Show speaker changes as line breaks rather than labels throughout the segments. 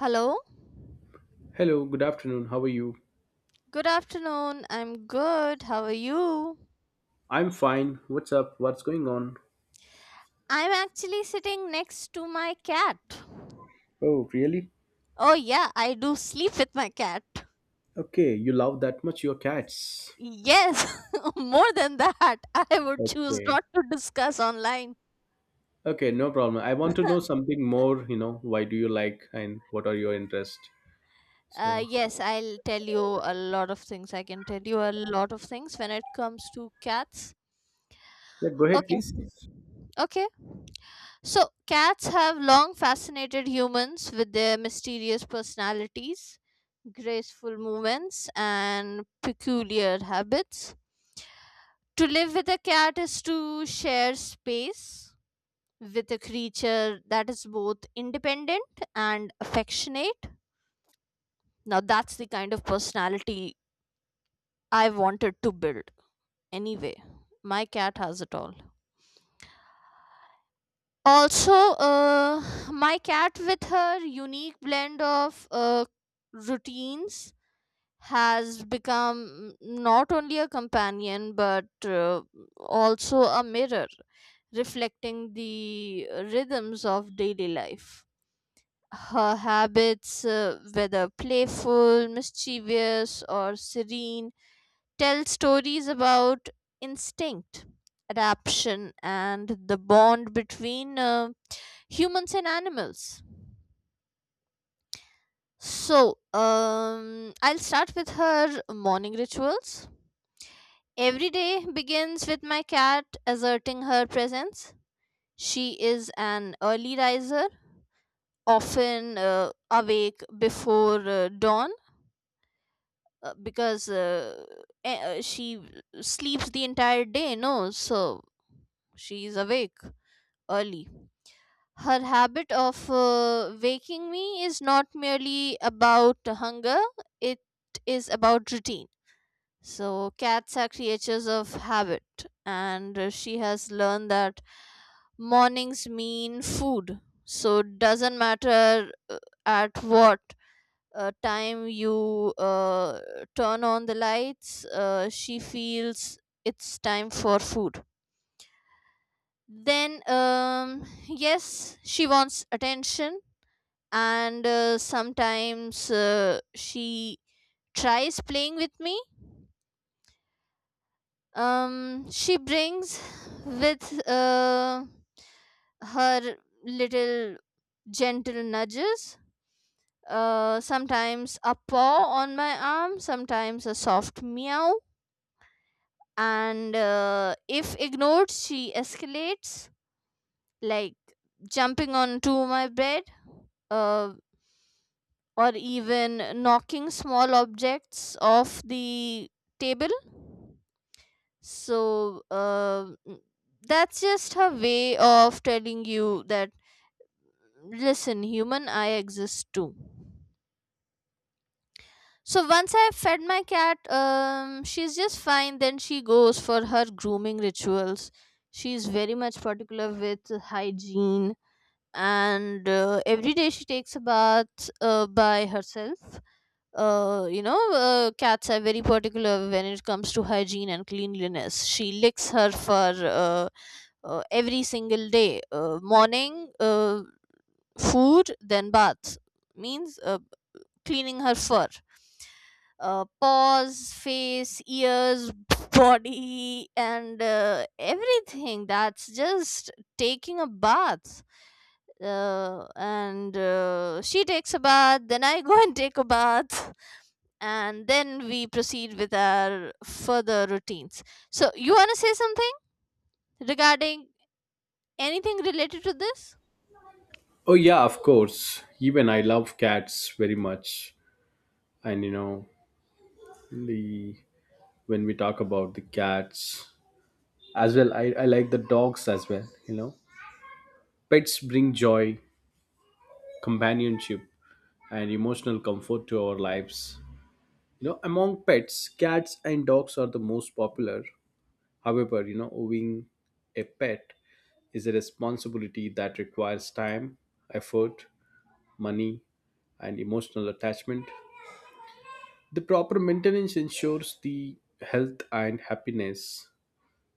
Hello.
Hello, good afternoon. How are you?
Good afternoon. I'm good. How are you?
I'm fine. What's up? What's going on?
I'm actually sitting next to my cat.
Oh, really?
Oh, yeah, I do sleep with my cat.
Okay, you love that much your cats.
Yes, more than that, I would choose
Okay.
not to discuss online.
Okay, no problem. I want to know something more, why do you like and what are your interests?
Uh,
So,
yes, I'll tell you a lot of things. I can tell you a lot of things when it comes to cats.
yeah, go ahead, please.
Okay. Okay. So, cats have long fascinated humans with their mysterious personalities, graceful movements, and peculiar habits. To live with a cat is to share space with a creature that is both independent and affectionate. Now, that's the kind of personality I wanted to build anyway. My cat has it all. Also, my cat, with her unique blend of routines, has become not only a companion but also a mirror reflecting the rhythms of daily life. Her habits, whether playful, mischievous, or serene, tell stories about instinct, adaptation, and the bond between humans and animals. So, I'll start with her morning rituals. Every day begins with my cat asserting her presence. She is an early riser, often awake before dawn because she sleeps the entire day, no? So, she's awake early. Her habit of waking me is not merely about hunger, it is about routine. So, cats are creatures of habit, and she has learned that mornings mean food. So, it doesn't matter at what time you turn on the lights, she feels it's time for food. Then, yes, she wants attention, and sometimes she tries playing with me. She brings with her little gentle nudges, sometimes a paw on my arm, sometimes a soft meow, and if ignored she escalates, like jumping onto my bed, uh, or even knocking small objects off the table. So uh, n- that's just her way of telling you that, listen, human, I exist too. So once I fed my cat, she's just fine. Then she goes for her grooming rituals. She's very much particular with hygiene, and every day she takes a bath by herself. You know, cats are very particular when it comes to hygiene and cleanliness. She licks her fur every single day. Morning, food, then bath. Means cleaning her fur, paws, face, ears, body, and everything. That's just taking a bath. And she takes a bath, then I go and take a bath, and then we proceed with our further routines. So, you want to say something regarding anything related to this?
Oh, yeah, of course. Even I love cats very much. And, you know, the When we talk about the cats as well, I like the dogs as well, you know. Pets bring joy, companionship, and emotional comfort to our lives. You know, among pets, cats and dogs are the most popular. However, you know, owning a pet is a responsibility that requires time, effort, money, and emotional attachment. The proper maintenance ensures the health and happiness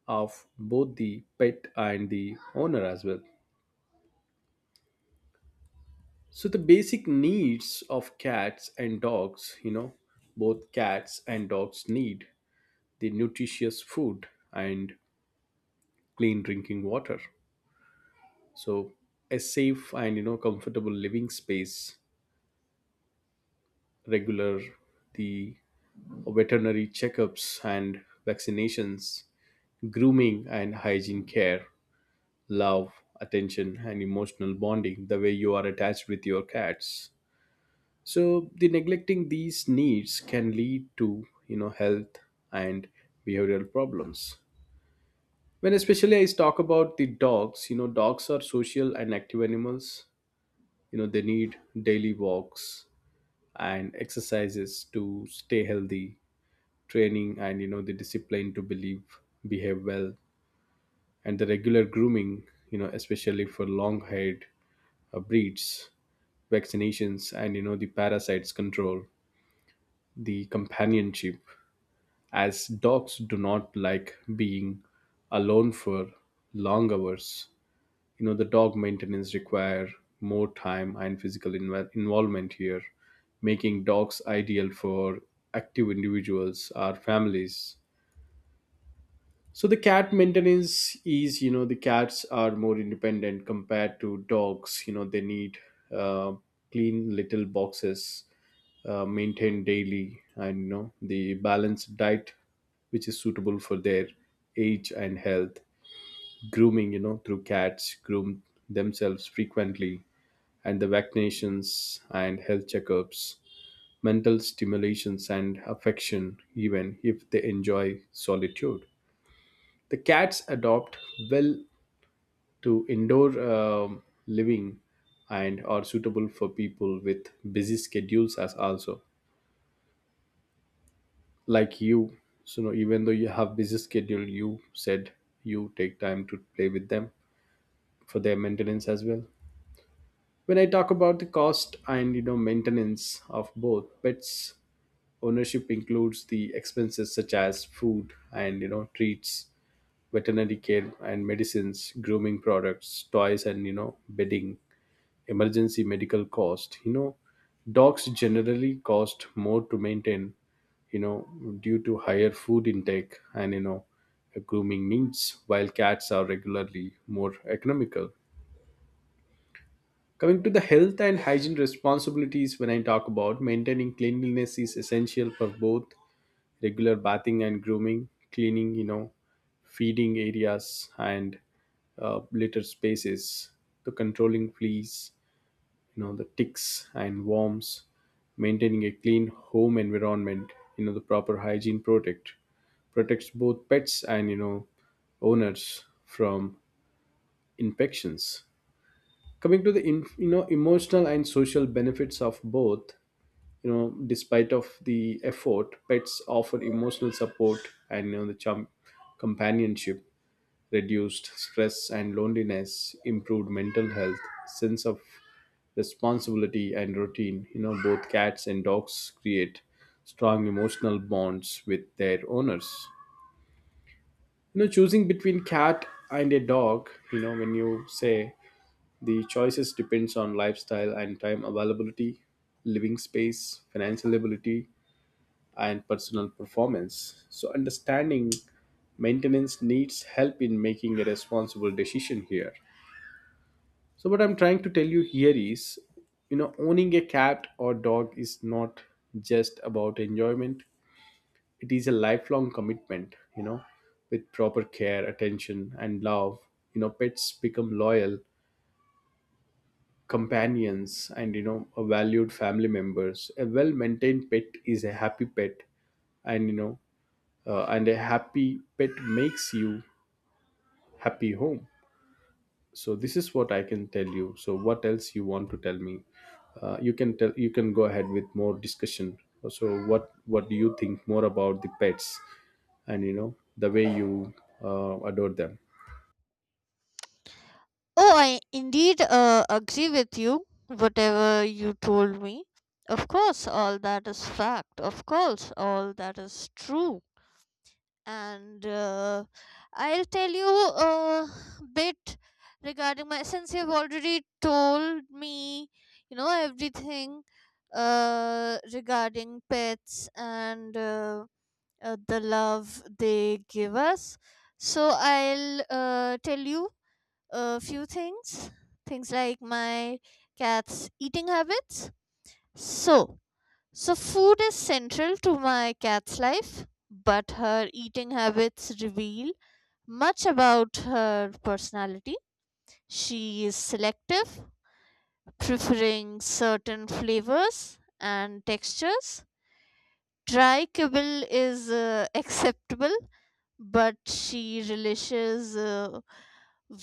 of both the pet and the owner as well. So the basic needs of cats and dogs, you know, both cats and dogs need the nutritious food and clean drinking water, so a safe and, you know, comfortable living space, regular the veterinary checkups and vaccinations, grooming and hygiene care, love, attention, and emotional bonding, the way you are attached with your cats. So the neglecting these needs can lead to, you know, health and behavioral problems. When especially I talk about the dogs, you know, dogs are social and active animals. You know, they need daily walks and exercises to stay healthy, training and, you know, the discipline to believe behave well, and the regular grooming, you know, especially for long haired breeds, vaccinations and, you know, the parasites control, the companionship, as dogs do not like being alone for long hours. You know, the dog maintenance require more time and physical involvement here, making dogs ideal for active individuals or families. So the cat maintenance is, you know, the cats are more independent compared to dogs. You know, they need uh, clean little boxes, maintained daily, and, you know, the balanced diet which is suitable for their age and health, grooming, you know, through cats groom themselves frequently, and the vaccinations and health checkups, mental stimulations and affection, even if they enjoy solitude. The cats adopt well to indoor living and are suitable for people with busy schedules as also, like you. So no, even though you have busy schedule, you said you take time to play with them for their maintenance as well. When I talk about the cost and, you know, maintenance of both pets, ownership includes the expenses such as food and, you know, treats, veterinary care and medicines, grooming products, toys, and, you know, bedding, emergency medical cost. You know, dogs generally cost more to maintain, you know, due to higher food intake and, you know, grooming needs, while cats are regularly more economical. Coming to the health and hygiene responsibilities, when I talk about maintaining cleanliness is essential for both, regular bathing and grooming, cleaning, you know, feeding areas and litter spaces, the controlling fleas, you know, the ticks and worms, maintaining a clean home environment, you know, the proper hygiene protect protects both pets and, you know, owners from infections. Coming to the you know, emotional and social benefits of both, you know, despite of the effort, pets offer emotional support and, you know, the companionship, reduced stress and loneliness, improved mental health, sense of responsibility and routine. You know, both cats and dogs create strong emotional bonds with their owners. You know, choosing between cat and a dog, you know, when you say the choices depends on lifestyle and time availability, living space, financial ability, and personal performance. So, understanding maintenance needs help in making a responsible decision here. So, what I'm trying to tell you here is, you know, owning a cat or dog is not just about enjoyment, it is a lifelong commitment, you know, with proper care, attention, and love. You know, pets become loyal companions and, you know, valued family members. A well maintained pet is a happy pet, and, you know, and a happy pet makes you happy home. So this is what I can tell you. So what else you want to tell me? You can tell, you can go ahead with more discussion. So what do you think more about the pets and, you know, the way you adore them?
Oh, I indeed agree with you, whatever you told me. Of course, all that is fact. Of course, all that is true. And I'll tell you a bit regarding my, since you've already told me, you know, everything regarding pets and the love they give us. So I'll tell you a few things, things like my cat's eating habits. So so food is central to my cat's life, but her eating habits reveal much about her personality. She is selective, preferring certain flavors and textures. Dry kibble is acceptable, but she relishes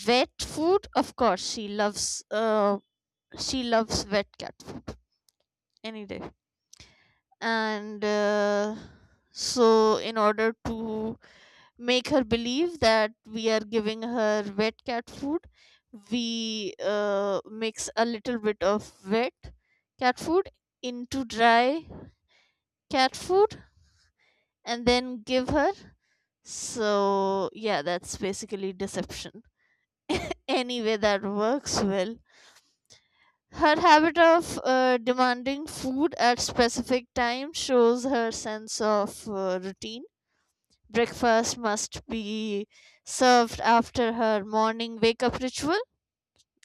wet food. Of course she loves wet cat food any day. And so in order to make her believe that we are giving her wet cat food, we mix a little bit of wet cat food into dry cat food and then give her. So yeah, that's basically deception. Anyway, that works well. Her habit of demanding food at specific times shows her sense of routine. Breakfast must be served after her morning wake up ritual,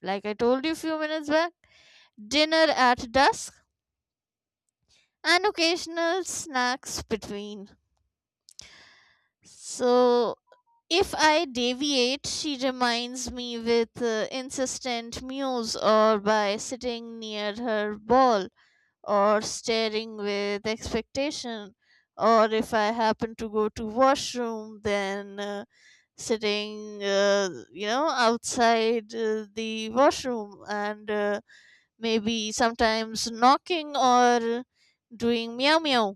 like I told you a few minutes back, dinner at dusk, and occasional snacks between. So, if I deviate, she reminds me with insistent mews, or by sitting near her ball or staring with expectation, or if I happen to go to washroom, then sitting you know outside the washroom, and maybe sometimes knocking or doing meow meow,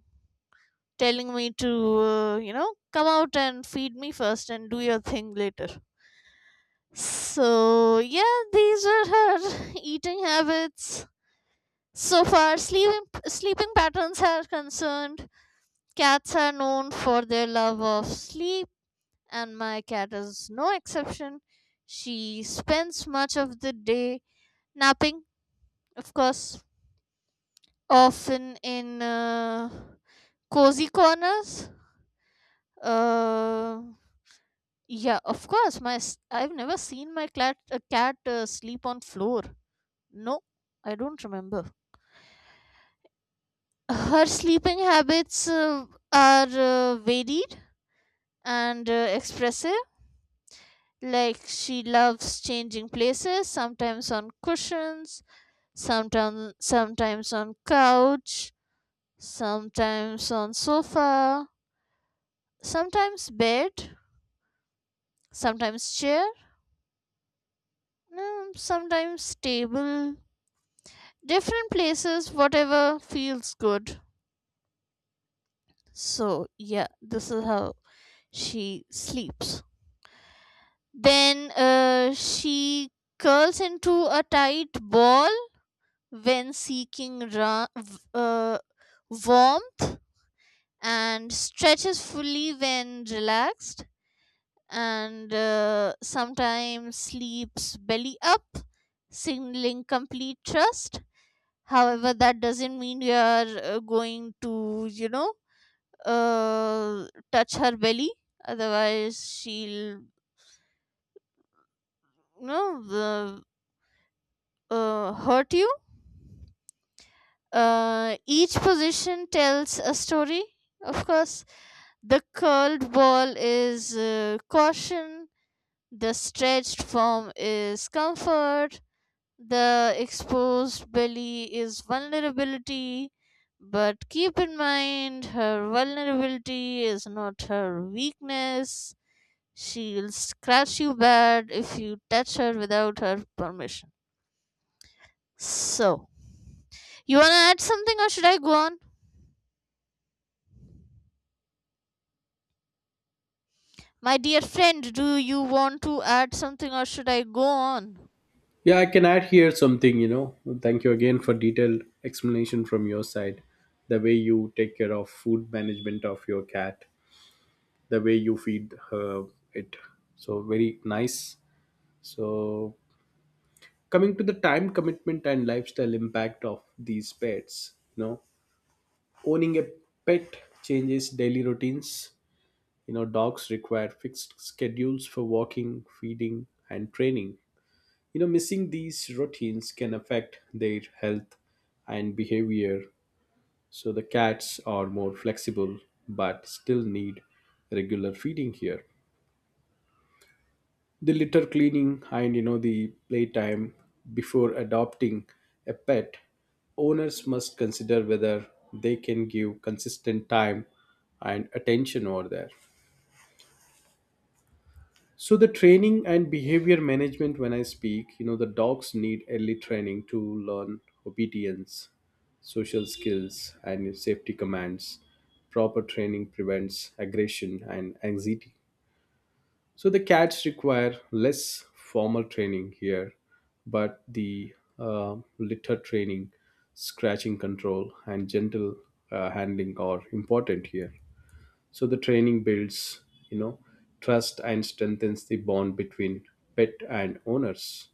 telling me to you know come out and feed me first and do your thing later. So yeah, these were her eating habits. So far sleeping, sleeping patterns are concerned. Cats are known for their love of sleep, and my cat is no exception. She spends much of the day napping, of course, often in cozy corners. Uh, yeah, of course. I've never seen my cat, a cat sleep on floor. No, I don't remember. Her sleeping habits are varied and expressive. Like, she loves changing places, sometimes on cushions, sometimes on couch, sometimes on sofa, sometimes bed, sometimes chair, sometimes table, different places, whatever feels good. So yeah, this is how she sleeps. Then she curls into a tight ball when seeking warmth, and stretches fully when relaxed, and sometimes sleeps belly up, signaling complete trust. However, that doesn't mean we are going to, you know, uh, touch her belly, otherwise she'll, you know, hurt you. Each position tells a story, of course. The curled ball is caution, the stretched form is comfort, the exposed belly is vulnerability. But keep in mind, her vulnerability is not her weakness. She'll scratch you bad if you touch her without her permission. So, you want to add something or should I go on? My dear friend, do you want to add something or should I go on?
Yeah, I can add here something, you know. Thank you again for detailed explanation from your side, the way you take care of food management of your cat, the way you feed her, it so very nice. So coming to the time commitment and lifestyle impact of these pets, you know, owning a pet changes daily routines. You know, dogs require fixed schedules for walking, feeding, and training. You know, missing these routines can affect their health and behavior. So the cats are more flexible but still need regular feeding here, the litter cleaning and, you know, the playtime. Before adopting a pet, owners must consider whether they can give consistent time and attention over there. So the training and behavior management, when I speak, you know, the dogs need early training to learn obedience, social skills, and safety commands. Proper training prevents aggression and anxiety. So the cats require less formal training here, but the litter training, scratching control, and gentle handling are important here. So the training builds, you know, trust and strengthens the bond between pet and owners.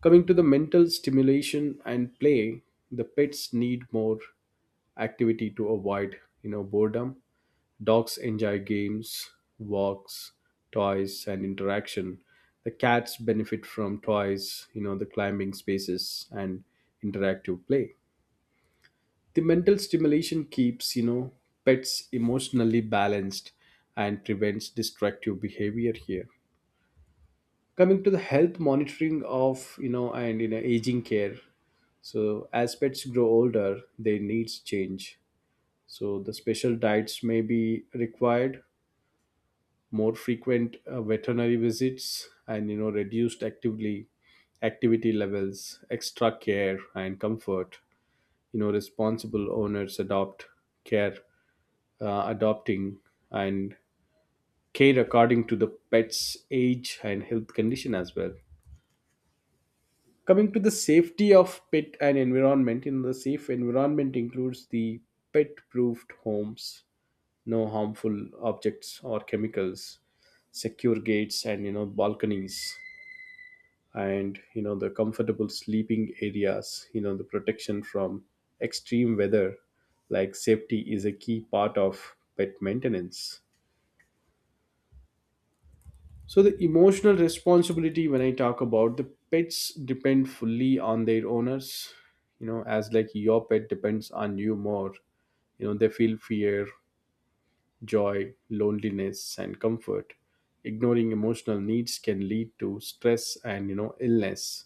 Coming to the mental stimulation and play, the pets need more activity to avoid, you know, boredom. Dogs enjoy games, walks, toys, and interaction. The cats benefit from toys, you know, the climbing spaces and interactive play. The mental stimulation keeps, you know, pets emotionally balanced and prevents destructive behavior here. Coming to the health monitoring of, you know, and, you know, aging care. So as pets grow older, their needs change. So the special diets may be required, more frequent veterinary visits and, you know, reduced actively activity levels, extra care and comfort. You know, responsible owners care adopting and care according to the pet's age and health condition as well. Coming to the safety of pet and environment, in the safe environment includes the pet proofed homes, no harmful objects or chemicals, secure gates and, you know, balconies, and, you know, the comfortable sleeping areas, you know, the protection from extreme weather. Like safety is a key part of pet maintenance. So the emotional responsibility, when I talk about the pets depend fully on their owners, you know, as like your pet depends on you more. You know, they feel fear, joy, loneliness, and comfort. Ignoring emotional needs can lead to stress and, you know, illness.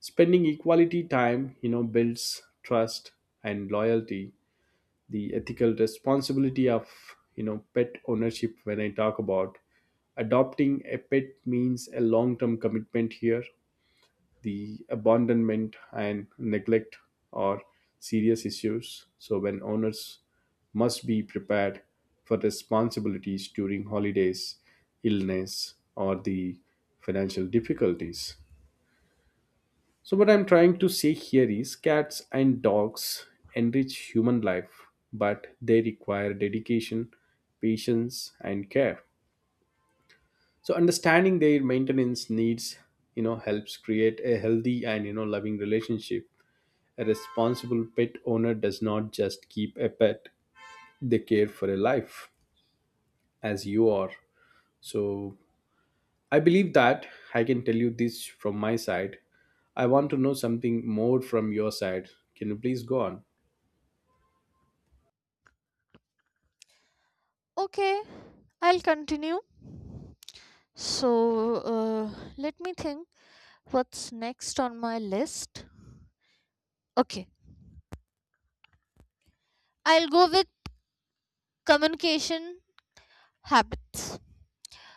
Spending equality time, you know, builds trust and loyalty. The ethical responsibility of, you know, pet ownership, when I talk about adopting a pet means a long-term commitment here. The abandonment and neglect are serious issues. So when owners must be prepared for responsibilities during holidays, illness, or the financial difficulties. So, what I'm trying to say here is cats and dogs enrich human life, but they require dedication, patience, and care. So, understanding their maintenance needs, you know, helps create a healthy and, you know, loving relationship. A responsible pet owner does not just keep a pet, they care for a life, as you are. So, I believe that I can tell you this from my side. I want to know something more from your side. Can you please go on?
Okay, I'll continue. So, let me think what's next on my list. Okay, I'll go with communication habits.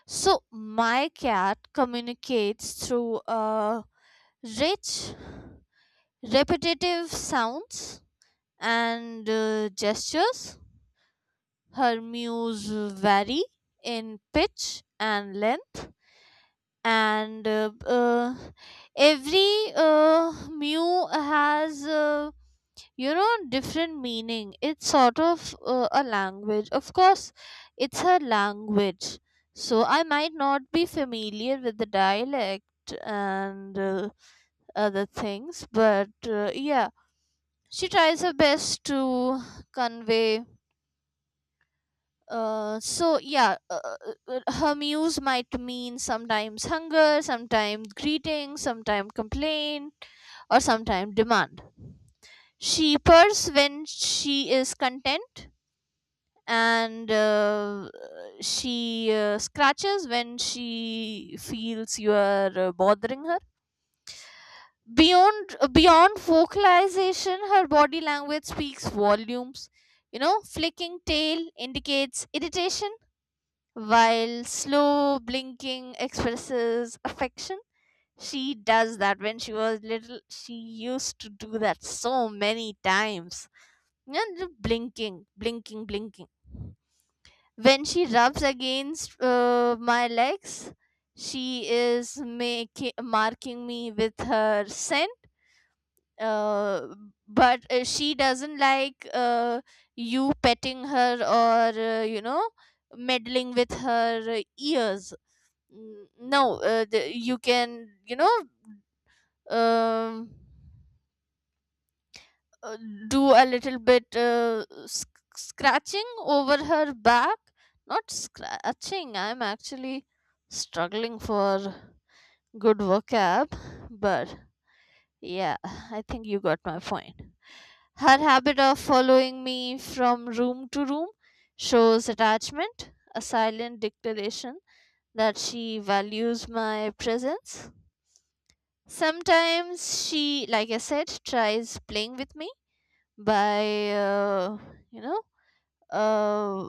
So, my cat communicates through rich, repetitive sounds and gestures. Her mews vary in pitch and length, and every mu has you know different meaning. It's sort of a language. Of course it's a language. So I might not be familiar with the dialect and other things, but yeah, she tries her best to convey. So yeah, her muse might mean sometimes hunger, sometimes greeting, sometimes complaint, or sometimes demand. She purrs when she is content, and she scratches when she feels you are bothering her. Beyond vocalization, her body language speaks volumes. You know, flicking tail indicates irritation, while slow blinking expresses affection. She does that when she was little. She used to do that so many times. And the blinking. When she rubs against my legs, she is making, marking me with her scent. Uh, but she doesn't like you petting her, or you know, meddling with her ears. No, you can, you know, um, uh, do a little bit scratching over her back. Not scratching, I'm actually struggling for good vocab, but yeah, I think you got my point. Her habit of following me from room to room shows attachment, a silent declaration that she values my presence. Sometimes she, like I said, tries playing with me by, you know, uh,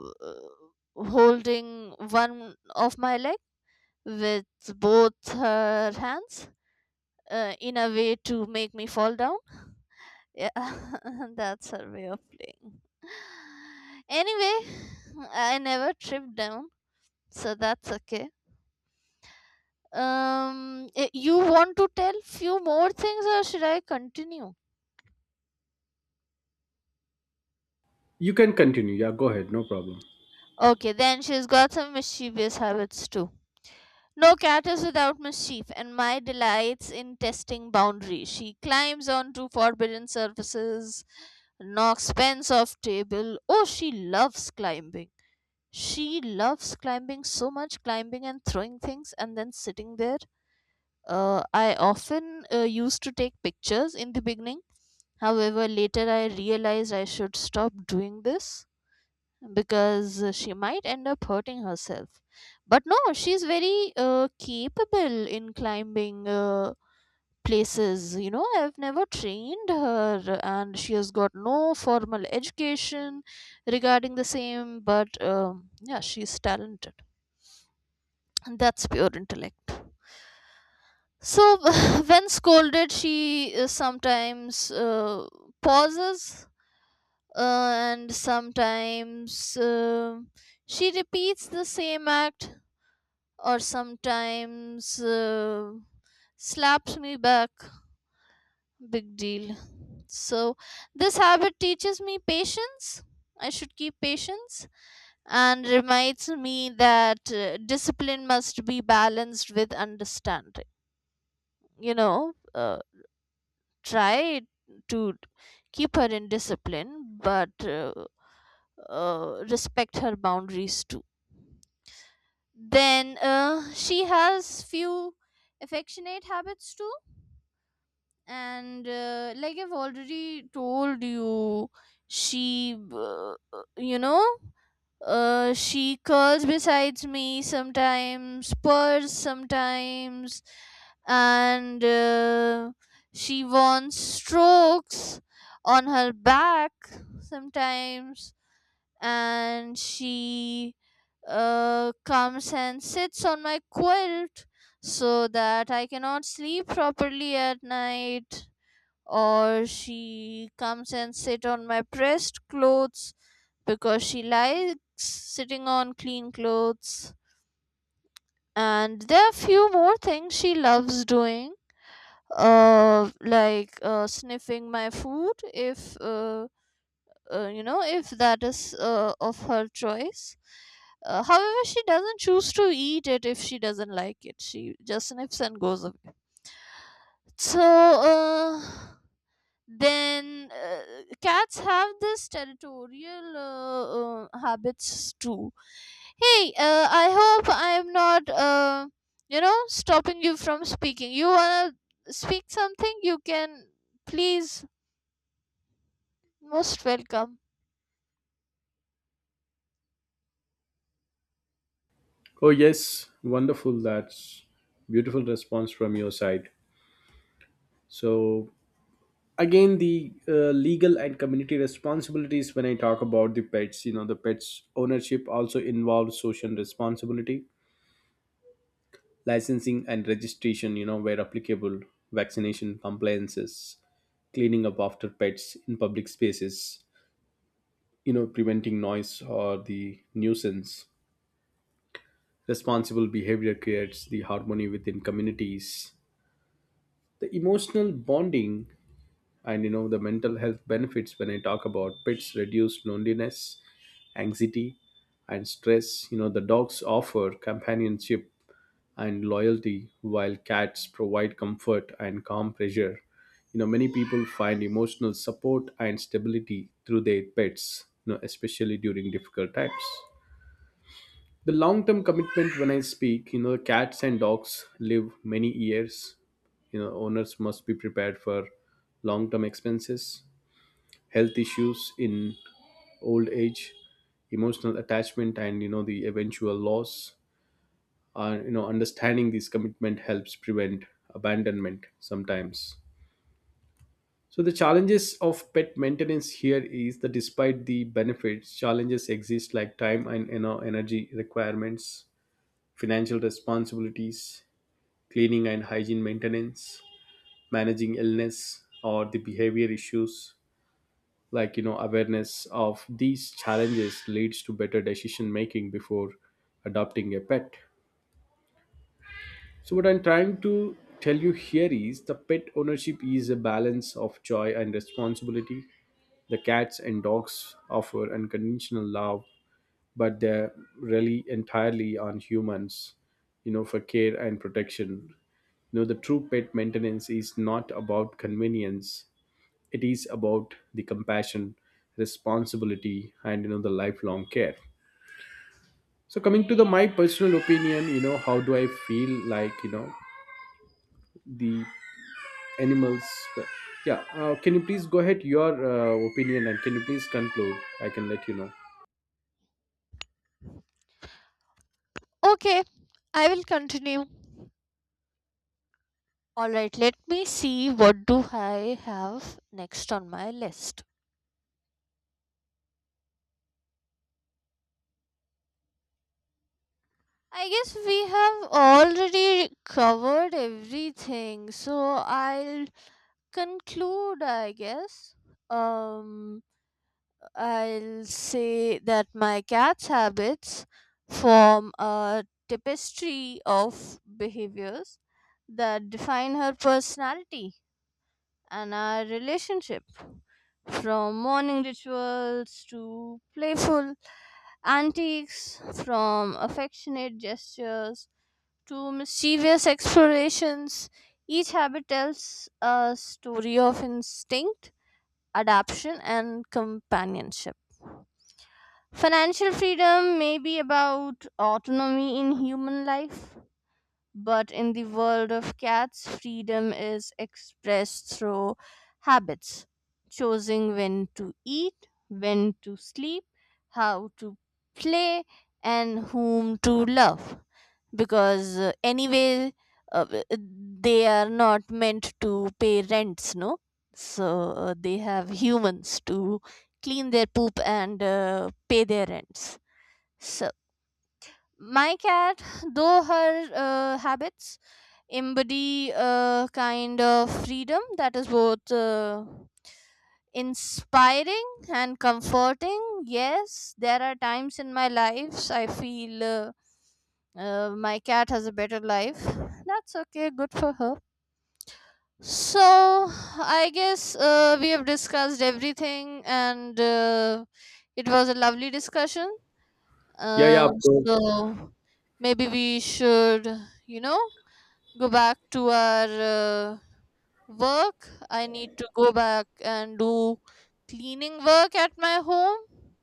holding one of my leg with both her hands, in a way to make me fall down. Yeah, that's her way of playing. Anyway, I never tripped down, so that's okay. You want to tell few more things, or should I continue?
You can continue. Yeah, go ahead. No problem.
Okay, then she's got some mischievous habits too. No cat is without mischief, and my delights in testing boundaries. She climbs onto forbidden surfaces, knocks pens off table. Oh, she loves climbing. She loves climbing so much, climbing and throwing things and then sitting there. I often used to take pictures in the beginning. However, later I realized I should stop doing this because she might end up hurting herself. But no, she's very capable in climbing places. You know, I've never trained her, and she has got no formal education regarding the same, but yeah, she's talented. And that's pure intellect. So, when scolded, she sometimes pauses, uh, and sometimes she repeats the same act, or sometimes slaps me back. Big deal. So, this habit teaches me patience. I should keep patience, and reminds me that discipline must be balanced with understanding. You know, try to keep her in discipline, but respect her boundaries too. Then she has few affectionate habits too, and like I've already told you, she, you know, she curls besides me, sometimes purrs sometimes, and she wants strokes on her back sometimes, and she comes and sits on my quilt so that I cannot sleep properly at night, or she comes and sit on my pressed clothes because she likes sitting on clean clothes. And there are few more things she loves doing, like, sniffing my food if you know, if that is of her choice. However, she doesn't choose to eat it. If she doesn't like it, she just sniffs and goes away. So then cats have this territorial habits too. Hey, I hope I'm not, you know, stopping you from speaking. You wanna speak something, you can, please, most welcome.
Oh, yes. Wonderful. That's beautiful response from your side. So, again, the legal and community responsibilities, when I talk about the pets, you know, the pets ownership also involves social responsibility, licensing and registration, you know, where applicable, vaccination compliances, cleaning up after pets in public spaces, you know, preventing noise or the nuisance. Responsible behavior creates the harmony within communities. The emotional bonding and, you know, the mental health benefits, when I talk about pets reduce loneliness, anxiety, and stress. You know, the dogs offer companionship and loyalty, while cats provide comfort and calm pressure. You know, many people find emotional support and stability through their pets, you know, especially during difficult times. The long term commitment, when I speak, you know, cats and dogs live many years. You know, owners must be prepared for long term expenses, health issues in old age, emotional attachment, and, you know, the eventual loss. You know, understanding this commitment helps prevent abandonment sometimes. So the challenges of pet maintenance here is that despite the benefits, challenges exist, like time and, you know, energy requirements, financial responsibilities, cleaning and hygiene maintenance, managing illness or the behavior issues. Like, you know, awareness of these challenges leads to better decision making before adopting a pet. So, what I'm trying to tell you here is the pet ownership is a balance of joy and responsibility. The cats and dogs offer unconditional love, but they rely entirely on humans, you know, for care and protection. You know, the true pet maintenance is not about convenience, it is about the compassion, responsibility, and, you know, the lifelong care. So coming to the my personal opinion, you know, how do I feel like, you know, the animals, yeah, can you please go ahead your opinion, and can you please conclude? I can let you know.
Okay, I will continue. Alright, let me see what do I have next on my list. I guess we have already covered everything, so I'll conclude, I guess. Um I'll say that my cat's habits form a tapestry of behaviors that define her personality and our relationship, from morning rituals to playful antics, from affectionate gestures to mischievous explorations. Each habit tells a story of instinct, adaptation, and companionship. Financial freedom may be about autonomy in human life, but in the world of cats, freedom is expressed through habits, choosing when to eat, when to sleep, how to play, and whom to love. Because anyway, uh, w- they are not meant to pay rents, no? So they have humans to clean their poop and pay their rents. So, my cat, though her habits, embody a kind of freedom that is both inspiring and comforting. Yes, there are times in my life I feel my cat has a better life. That's okay, good for her. So, I guess we have discussed everything, and it was a lovely discussion.
Yeah, yeah, of course.
So maybe we should, you know, go back to our uh, work. I need to go back and do cleaning work at my home.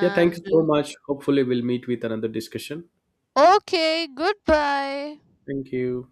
Yeah, thank you so much. Hopefully we'll meet with another discussion.
okay, goodbye.
Thank you.